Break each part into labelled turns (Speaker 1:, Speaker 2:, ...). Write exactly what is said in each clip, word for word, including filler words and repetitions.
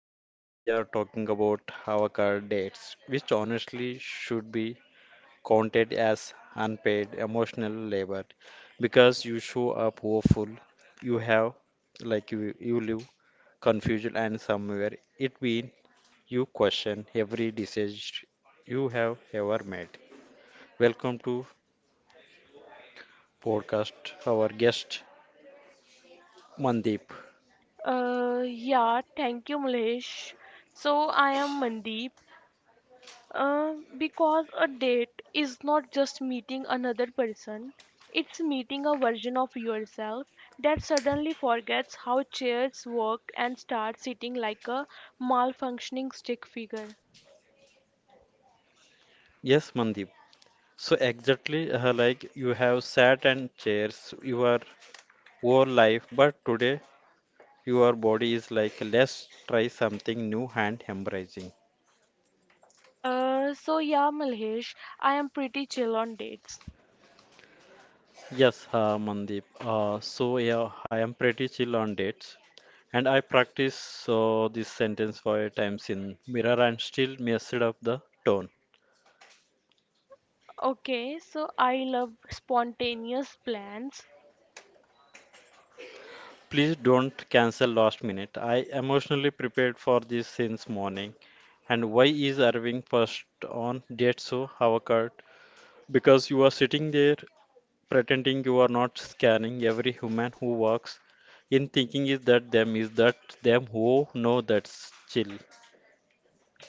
Speaker 1: So today we are talking about avocado dates, which honestly should be counted as unpaid emotional labor because you show up woeful, you have like you you live confusion and somewhere it means you question every decision you have ever made. Welcome to podcast our guest Mandeep.
Speaker 2: Uh, yeah, Thank you, Malesh. So I am Mandeep. Uh, because a date is not just meeting another person, it's meeting a version of yourself that suddenly forgets how chairs work and starts sitting like a malfunctioning stick figure.
Speaker 1: Yes, Mandeep. So exactly uh, like you have sat and chairs your whole life, but today your body is like let's try something new and embracing.
Speaker 2: Uh, so yeah, Malhesh, I am pretty chill on dates.
Speaker 1: Yes, uh, Mandeep. Uh, so yeah, I am pretty chill on dates, and I practice uh, this sentence five times in mirror and still messed up the tone.
Speaker 2: Okay, so I love spontaneous plans.
Speaker 1: Please don't cancel last minute. I emotionally prepared for this since morning. And why is Irving first on date so avocado? Because you are sitting there pretending you are not scanning every human who walks in thinking is that them is that them who know that's chill.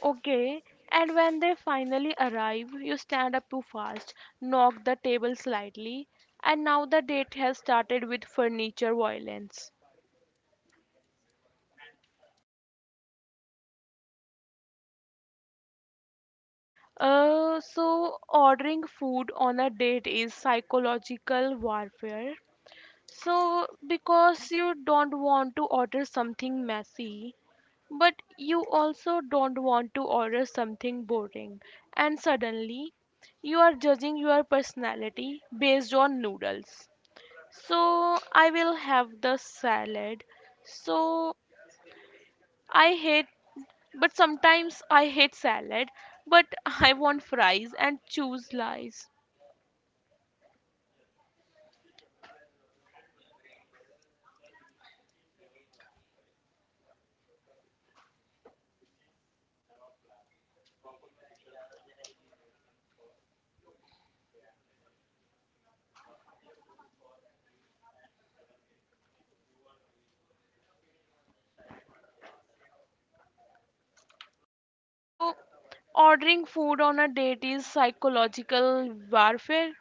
Speaker 2: Okay, and when they finally arrive, you stand up too fast, knock the table slightly, and now the date has started with furniture violence. Uh, so ordering food on a date is psychological warfare. So because you don't want to order something messy, but you also don't want to order something boring, and suddenly you are judging your personality based on noodles. So I will have the salad. So I hate, but sometimes I hate salad, but I want fries and choose lies. So ordering food on a date is psychological warfare,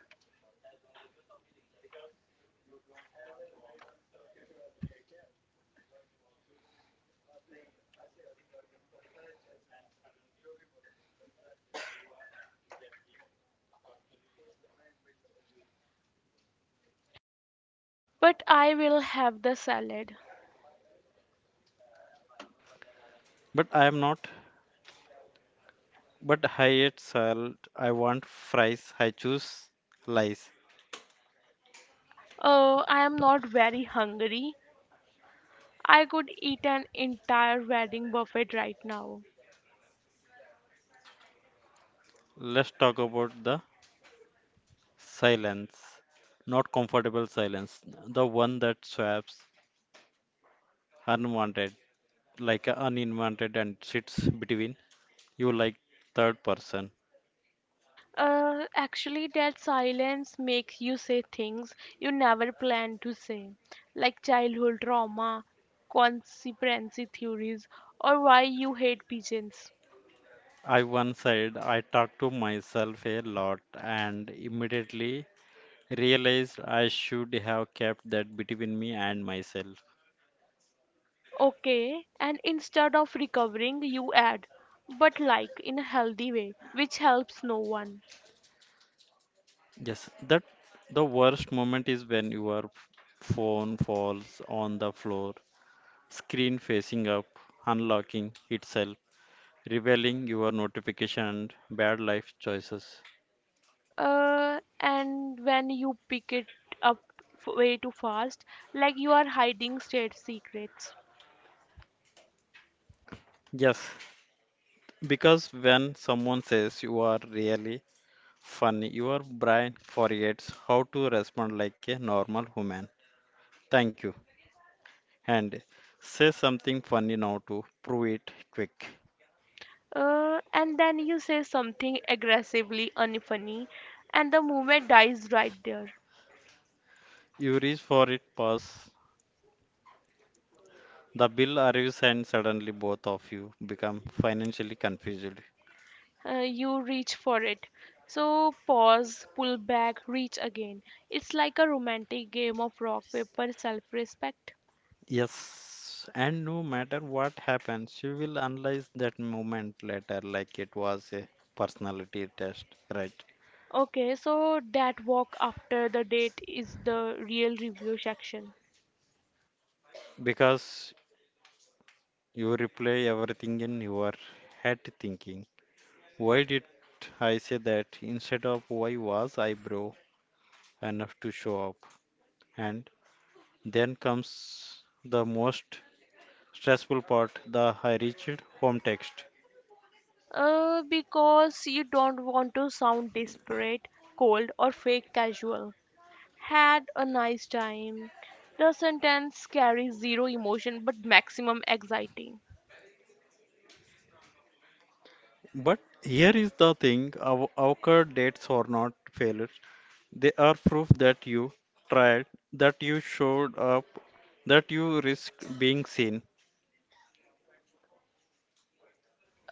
Speaker 2: but I will have the salad.
Speaker 1: But I am not. But I ate salad. I want fries. I choose lies.
Speaker 2: Oh, I am not very hungry. I could eat an entire wedding buffet right now.
Speaker 1: Let's talk about the silence. Not comfortable silence. The one that swaps unwanted, like a uninvited and sits between you like third person.
Speaker 2: Uh, actually, that silence makes you say things you never planned to say, like childhood trauma, conspiracy theories, or why you hate pigeons.
Speaker 1: I once said I talked to myself a lot and immediately realized I should have kept that between me and myself.
Speaker 2: Okay, and instead of recovering, you add, but like in a healthy way, which helps no one.
Speaker 1: Yes, that the worst moment is when your phone falls on the floor, screen facing up, unlocking itself, revealing your notification and bad life choices.
Speaker 2: Uh, and when you pick it up f- way too fast, like you are hiding state secrets.
Speaker 1: Yes, because when someone says you are really funny, your brain forgets how to respond like a normal human. Thank you. And say something funny now to prove it quick.
Speaker 2: Uh, and then you say something aggressively unfunny, and the moment dies right there.
Speaker 1: You reach for it, pause. The bill arrives and suddenly both of you become financially confused.
Speaker 2: Uh, you reach for it. So pause, pull back, reach again. It's like a romantic game of rock, paper, self respect.
Speaker 1: Yes, and no matter what happens, you will analyze that moment later like it was a personality test, right?
Speaker 2: Okay, so that walk after the date is the real review section.
Speaker 1: Because you replay everything in your head thinking, why did I say that instead of why was I bro enough to show up? And then comes the most stressful part, the I reached home text.
Speaker 2: Uh, because you don't want to sound desperate, cold, or fake casual. Had a nice time. The sentence carries zero emotion but maximum anxiety.
Speaker 1: But here is the thing, our our dates are not failures. They are proof that you tried, that you showed up, that you risked being seen.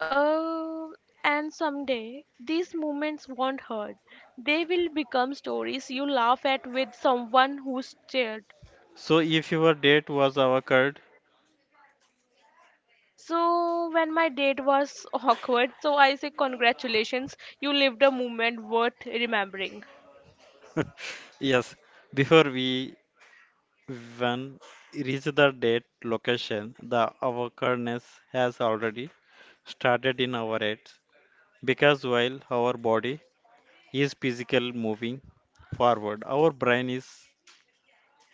Speaker 2: Uh, and someday these moments won't hurt. They will become stories you laugh at with someone who stared.
Speaker 1: So if your date was awkward,
Speaker 2: So when my date was awkward, so I say congratulations, you lived a moment worth remembering.
Speaker 1: yes, before we even reach the date location, the awkwardness has already started in our heads because while our body is physical moving forward, our brain is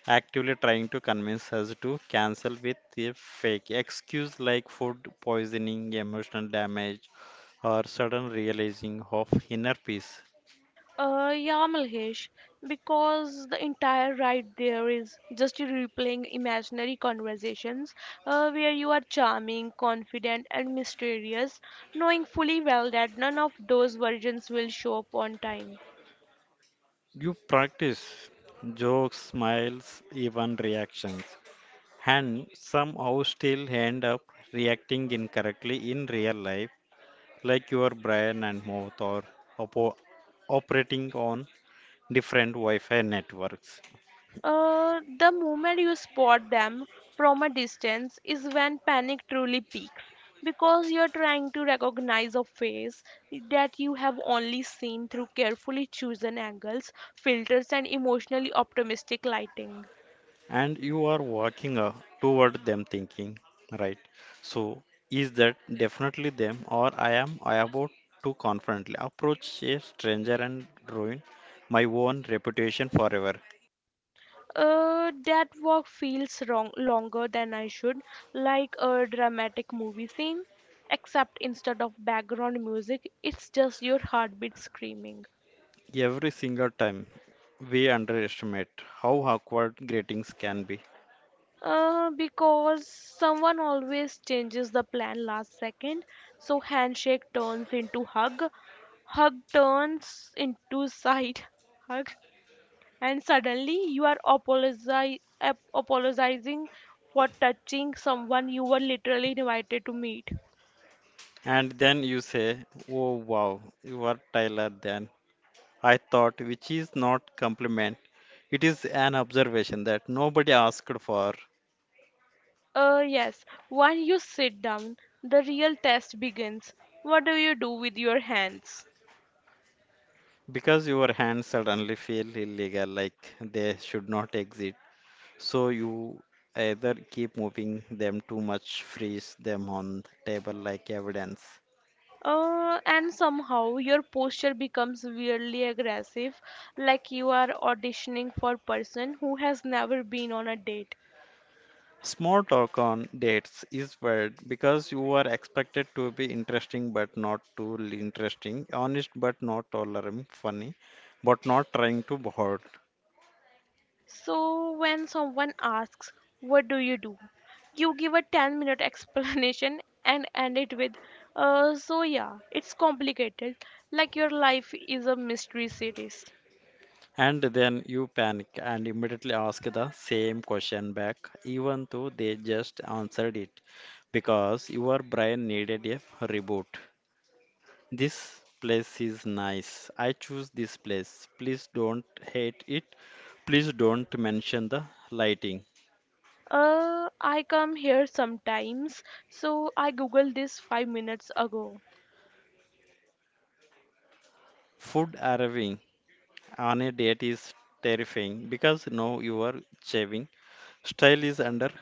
Speaker 1: actively trying to convince us to cancel with a fake excuse like food poisoning, emotional damage, or sudden realizing of inner peace.
Speaker 2: Uh, yeah, Malhesh, because the entire ride there is just you replaying imaginary conversations uh, where you are charming, confident, and mysterious, knowing fully well that none of those versions will show up on time.
Speaker 1: You practice jokes, smiles, even reactions, and somehow still end up reacting incorrectly in real life, like your brain and mouth are opo- operating on different Wi Fi networks.
Speaker 2: Uh, the moment you spot them from a distance is when panic truly peaks because you're trying to recognize a face that you have only seen through carefully chosen angles, filters, and emotionally optimistic lighting.
Speaker 1: And you are walking uh, toward them thinking, right, so is that definitely them or I am I about to confidently approach a stranger and ruin my own reputation forever?
Speaker 2: Uh, that walk feels wrong longer than I should, like a dramatic movie scene, except instead of background music, it's just your heartbeat screaming.
Speaker 1: Every single time we underestimate how awkward greetings can be.
Speaker 2: Uh, because someone always changes the plan last second, so handshake turns into hug, hug turns into side hug, and suddenly you are apologi- ap- apologizing for touching someone you were literally invited to meet.
Speaker 1: And then you say, oh wow, you are tyler then I thought, which is not compliment, it is an observation that nobody asked for.
Speaker 2: Uh, yes, when you sit down, the real test begins. What do you do with your hands?
Speaker 1: Because your hands suddenly feel illegal, like they should not exit. So you either keep moving them too much, freeze them on the table like evidence.
Speaker 2: Uh, and somehow your posture becomes weirdly aggressive, like you are auditioning for person who has never been on a date.
Speaker 1: Small talk on dates is weird because you are expected to be interesting but not too interesting, honest but not tolerant, funny but not trying to bored.
Speaker 2: So when someone asks, what do you do, you give a ten minute explanation and end it with uh, so yeah, it's complicated, like your life is a mystery series.
Speaker 1: And then you panic and immediately ask the same question back, even though they just answered it, because your brain needed a reboot. This place is nice. I choose this place. Please don't hate it. Please don't mention the lighting.
Speaker 2: uh, I come here sometimes, so I googled this five minutes ago.
Speaker 1: Food arriving on a date is terrifying because now you are shaving. Style is under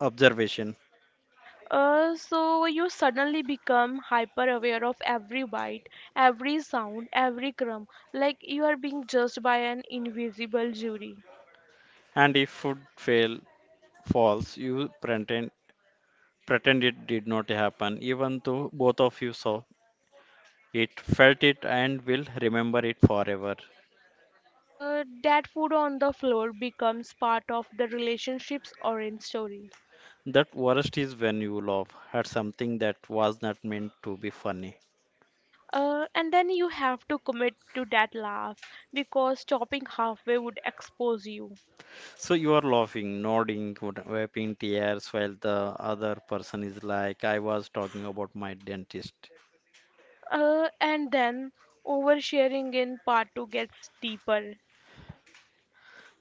Speaker 1: observation.
Speaker 2: Uh, so you suddenly become hyper aware of every bite, every sound, every crumb, like you are being judged by an invisible jury.
Speaker 1: And if food fail falls, you pretend. Pretend it did not happen, even though both of you saw it, felt it, and will remember it forever.
Speaker 2: Uh, that food on the floor becomes part of the relationship's orange story.
Speaker 1: That worst is when you laugh at something that was not meant to be funny.
Speaker 2: Uh, and then you have to commit to that laugh because stopping halfway would expose you.
Speaker 1: So you are laughing, nodding, wad- wiping tears while the other person is like, I was talking about my dentist.
Speaker 2: Uh, and then oversharing in part two gets deeper.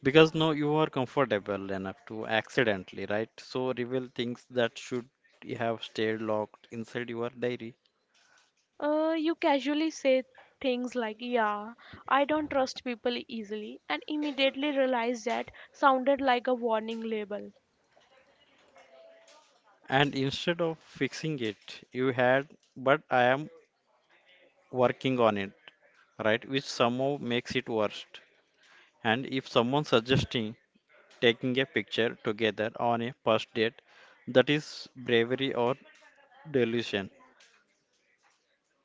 Speaker 1: Because now you are comfortable enough to accidentally, right? So reveal things that should have stayed locked inside your diary.
Speaker 2: Uh, you casually say things like, yeah, I don't trust people easily, and immediately realize that sounded like a warning label.
Speaker 1: And instead of fixing it you had, but I am working on it, right, which somehow makes it worse. And if someone suggesting taking a picture together on a first date, that is bravery or delusion?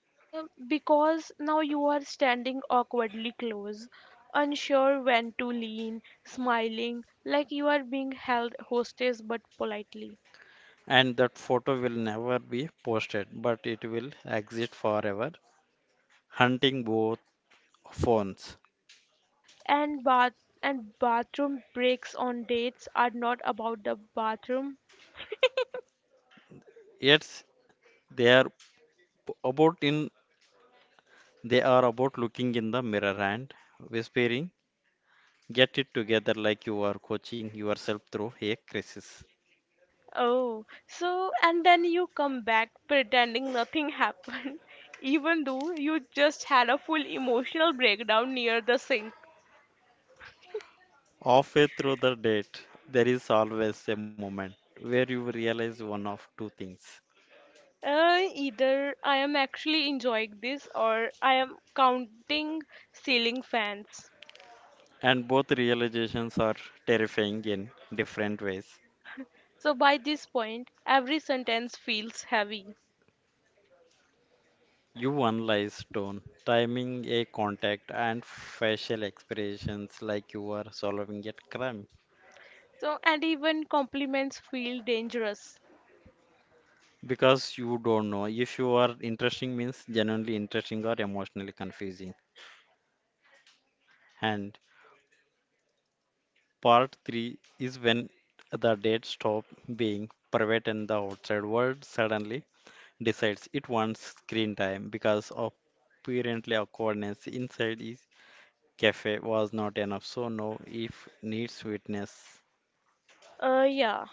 Speaker 2: Uh, because now you are standing awkwardly close, unsure when to lean, smiling, like you are being held hostage but politely.
Speaker 1: And that photo will never be posted but it will exist forever hunting both phones.
Speaker 2: And bath and bathroom breaks on dates are not about the bathroom.
Speaker 1: Yet they are about in they are about looking in the mirror and whispering, get it together, like you are coaching yourself through a crisis.
Speaker 2: Oh, so and then you come back pretending nothing happened, even though you just had a full emotional breakdown near the sink.
Speaker 1: Halfway through the date, there is always a moment where you realize one of two things.
Speaker 2: Uh, either I am actually enjoying this or I am counting ceiling fans.
Speaker 1: And both realizations are terrifying in different ways.
Speaker 2: So by this point, every sentence feels heavy.
Speaker 1: You analyze tone, timing, a contact, and facial expressions like you are solving a crime.
Speaker 2: So and even compliments feel dangerous.
Speaker 1: Because you don't know if you are interesting means genuinely interesting or emotionally confusing. And Part three is when the dead stop being private and the outside world suddenly decides it wants screen time because apparently awkwardness inside his cafe was not enough, so now if needs witness.
Speaker 2: Uh, yeah,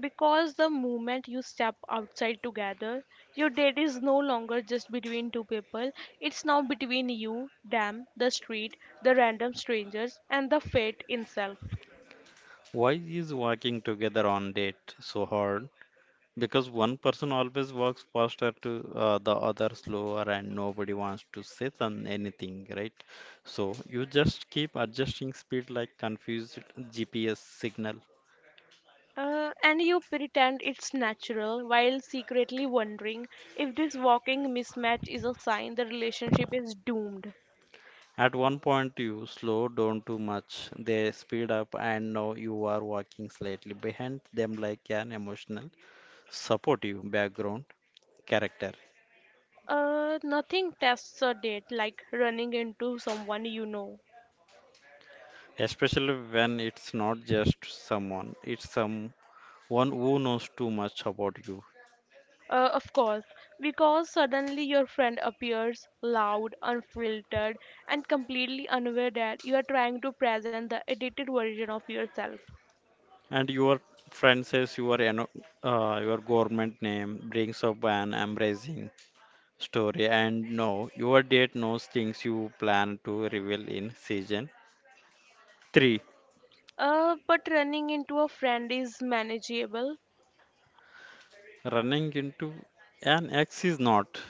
Speaker 2: because the moment you step outside together, your date is no longer just between two people. It's now between you, them, the street, the random strangers, and the fate itself.
Speaker 1: Why is walking together on date so hard? Because one person always works faster to uh, the other slower, and nobody wants to sit on anything, right? So you just keep adjusting speed like confused G P S signal.
Speaker 2: Uh, and you pretend it's natural while secretly wondering if this walking mismatch is a sign the relationship is doomed.
Speaker 1: At one point, you slow down too much, they speed up, and now you are walking slightly behind them like an emotional, supportive background character.
Speaker 2: Uh, nothing tests a date like running into someone you know.
Speaker 1: Especially when it's not just someone, it's someone who knows too much about you.
Speaker 2: Uh, of course, because suddenly your friend appears loud, unfiltered, and completely unaware that you are trying to present the edited version of yourself.
Speaker 1: And your friend says your ano- uh, your government name brings up an embracing story. And no, your date knows things you plan to reveal in season three.
Speaker 2: Uh, but running into a friend is manageable.
Speaker 1: Running into an ex is not.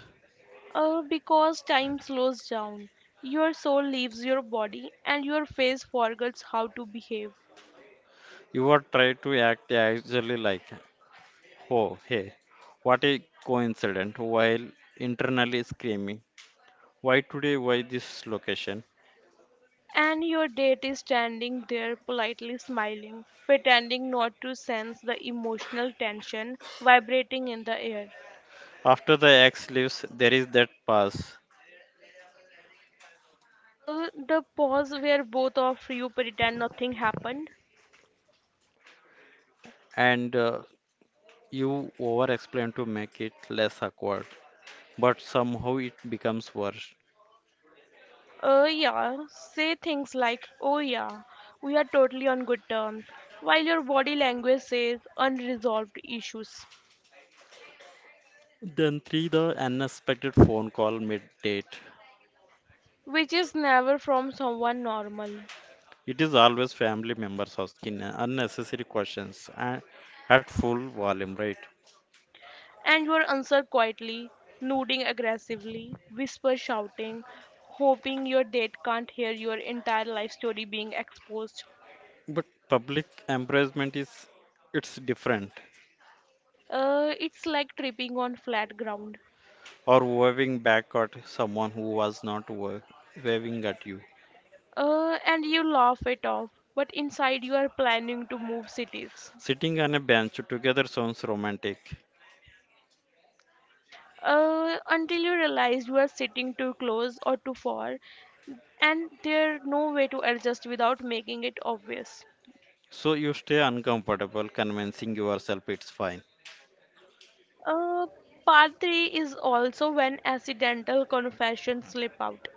Speaker 2: uh, Because time slows down, your soul leaves your body, and your face forgets how to behave.
Speaker 1: You are trying to act actually like, oh hey, what a coincidence! While internally screaming, why today? Why this location?
Speaker 2: And your date is standing there politely smiling, pretending not to sense the emotional tension vibrating in the air.
Speaker 1: After the ex leaves, there is that pause.
Speaker 2: Uh, the pause where both of you pretend nothing happened.
Speaker 1: And uh, you over explain to make it less awkward, but somehow it becomes worse.
Speaker 2: Uh, yeah, Say things like, oh yeah, we are totally on good terms, while your body language says unresolved issues,
Speaker 1: Then, three, the unexpected phone call mid date.
Speaker 2: which is never from someone normal.
Speaker 1: It is always family members asking unnecessary questions and at full volume, right?
Speaker 2: And your answer quietly, nodding aggressively, whisper shouting, hoping your date can't hear your entire life story being exposed.
Speaker 1: But public embarrassment is it's different.
Speaker 2: Uh, it's like tripping on flat ground.
Speaker 1: Or waving back at someone who was not wa- waving at you.
Speaker 2: Uh, and you laugh it off, but inside you are planning to move cities.
Speaker 1: Sitting on a bench together sounds romantic.
Speaker 2: Uh, until you realize you are sitting too close or too far, and there's no way to adjust without making it obvious.
Speaker 1: So you stay uncomfortable, convincing yourself it's fine.
Speaker 2: Uh, Part three is also when accidental confessions slip out.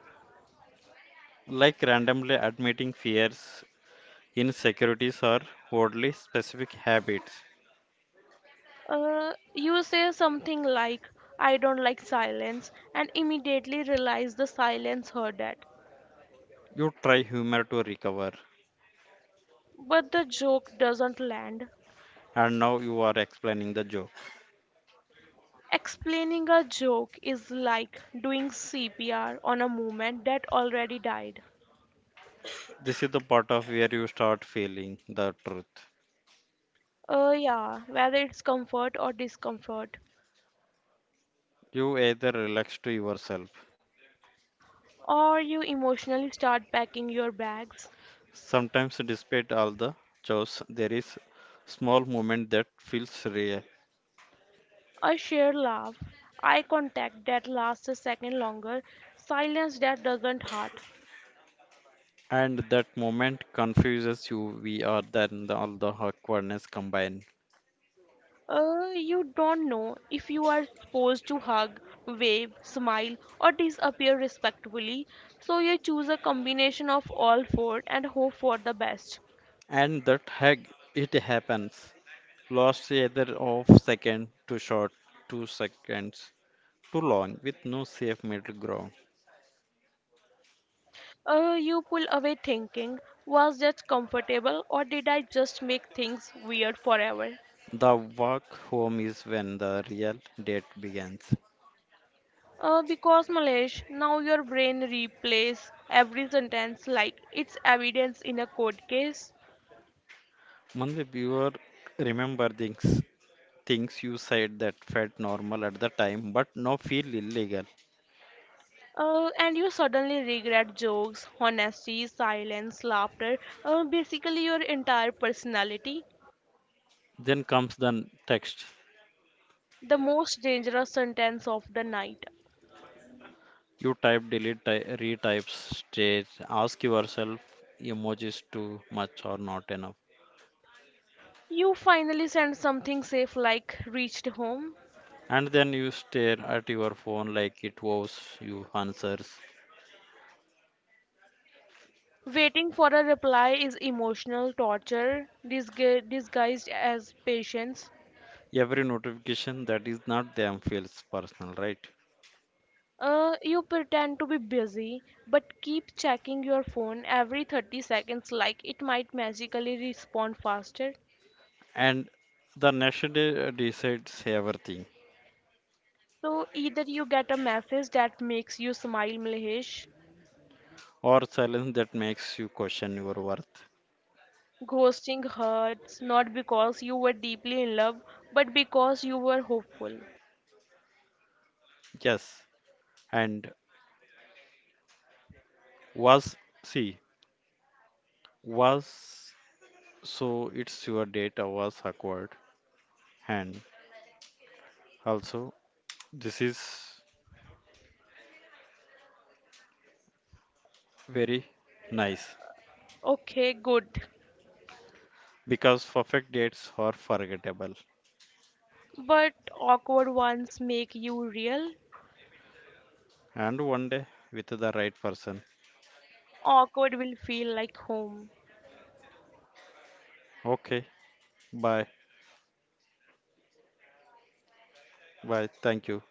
Speaker 1: Like randomly admitting fears, insecurities, or oddly specific habits.
Speaker 2: Uh, you say something like, I don't like silence, and immediately realize the silence heard that.
Speaker 1: You try humor to recover,
Speaker 2: But the joke doesn't land.
Speaker 1: and now you are explaining the joke.
Speaker 2: Explaining a joke is like doing C P R on a movement that already died.
Speaker 1: This is the part of where you start feeling the truth.
Speaker 2: Uh, yeah, Whether it's comfort or discomfort,
Speaker 1: You either relax to yourself.
Speaker 2: or you emotionally start packing your bags,
Speaker 1: Sometimes, despite all the chaos, there is small moment that feels real,
Speaker 2: a sheer laugh, eye contact that lasts a second longer, silence that doesn't hurt.
Speaker 1: and that moment confuses you. We are then the, all the awkwardness combined,
Speaker 2: Uh, you don't know if you are supposed to hug, wave, smile, or disappear respectfully, so you choose a combination of all four and hope for the best.
Speaker 1: and that hag it happens lost either of second too short, two seconds too long, with no safe middle ground.
Speaker 2: Uh, you pull away thinking, was that comfortable or did I just make things weird forever?
Speaker 1: The walk home is when the real date begins.
Speaker 2: Uh, because Malesh, now your brain replays every sentence like it's evidence in a court case.
Speaker 1: Mandeep, you are remember things things you said that felt normal at the time but now feel illegal.
Speaker 2: Uh, and you suddenly regret jokes, honesty, silence, laughter, uh, basically your entire personality.
Speaker 1: Then comes the text.
Speaker 2: The most dangerous sentence of the night.
Speaker 1: You type, delete, ty- retype, stage, ask yourself emojis too much or not enough.
Speaker 2: You finally send something safe like reached home.
Speaker 1: And then you stare at your phone like it was you answers.
Speaker 2: Waiting for a reply is emotional torture disgu- disguised as patience.
Speaker 1: Every notification that is not them feels personal, right?
Speaker 2: Uh, you pretend to be busy but keep checking your phone every thirty seconds like it might magically respond faster.
Speaker 1: And the next day decides everything,
Speaker 2: So either you get a message that makes you smile, Mlehesh.
Speaker 1: or silence that makes you question your worth.
Speaker 2: Ghosting hurts not because you were deeply in love but because you were hopeful.
Speaker 1: Yes, and was see was so it's your data was awkward, and also this is very nice
Speaker 2: Okay, good.
Speaker 1: because perfect dates are forgettable,
Speaker 2: But awkward ones make you real.
Speaker 1: and one day with the right person.
Speaker 2: Awkward will feel like home.
Speaker 1: Okay, bye, bye, thank you.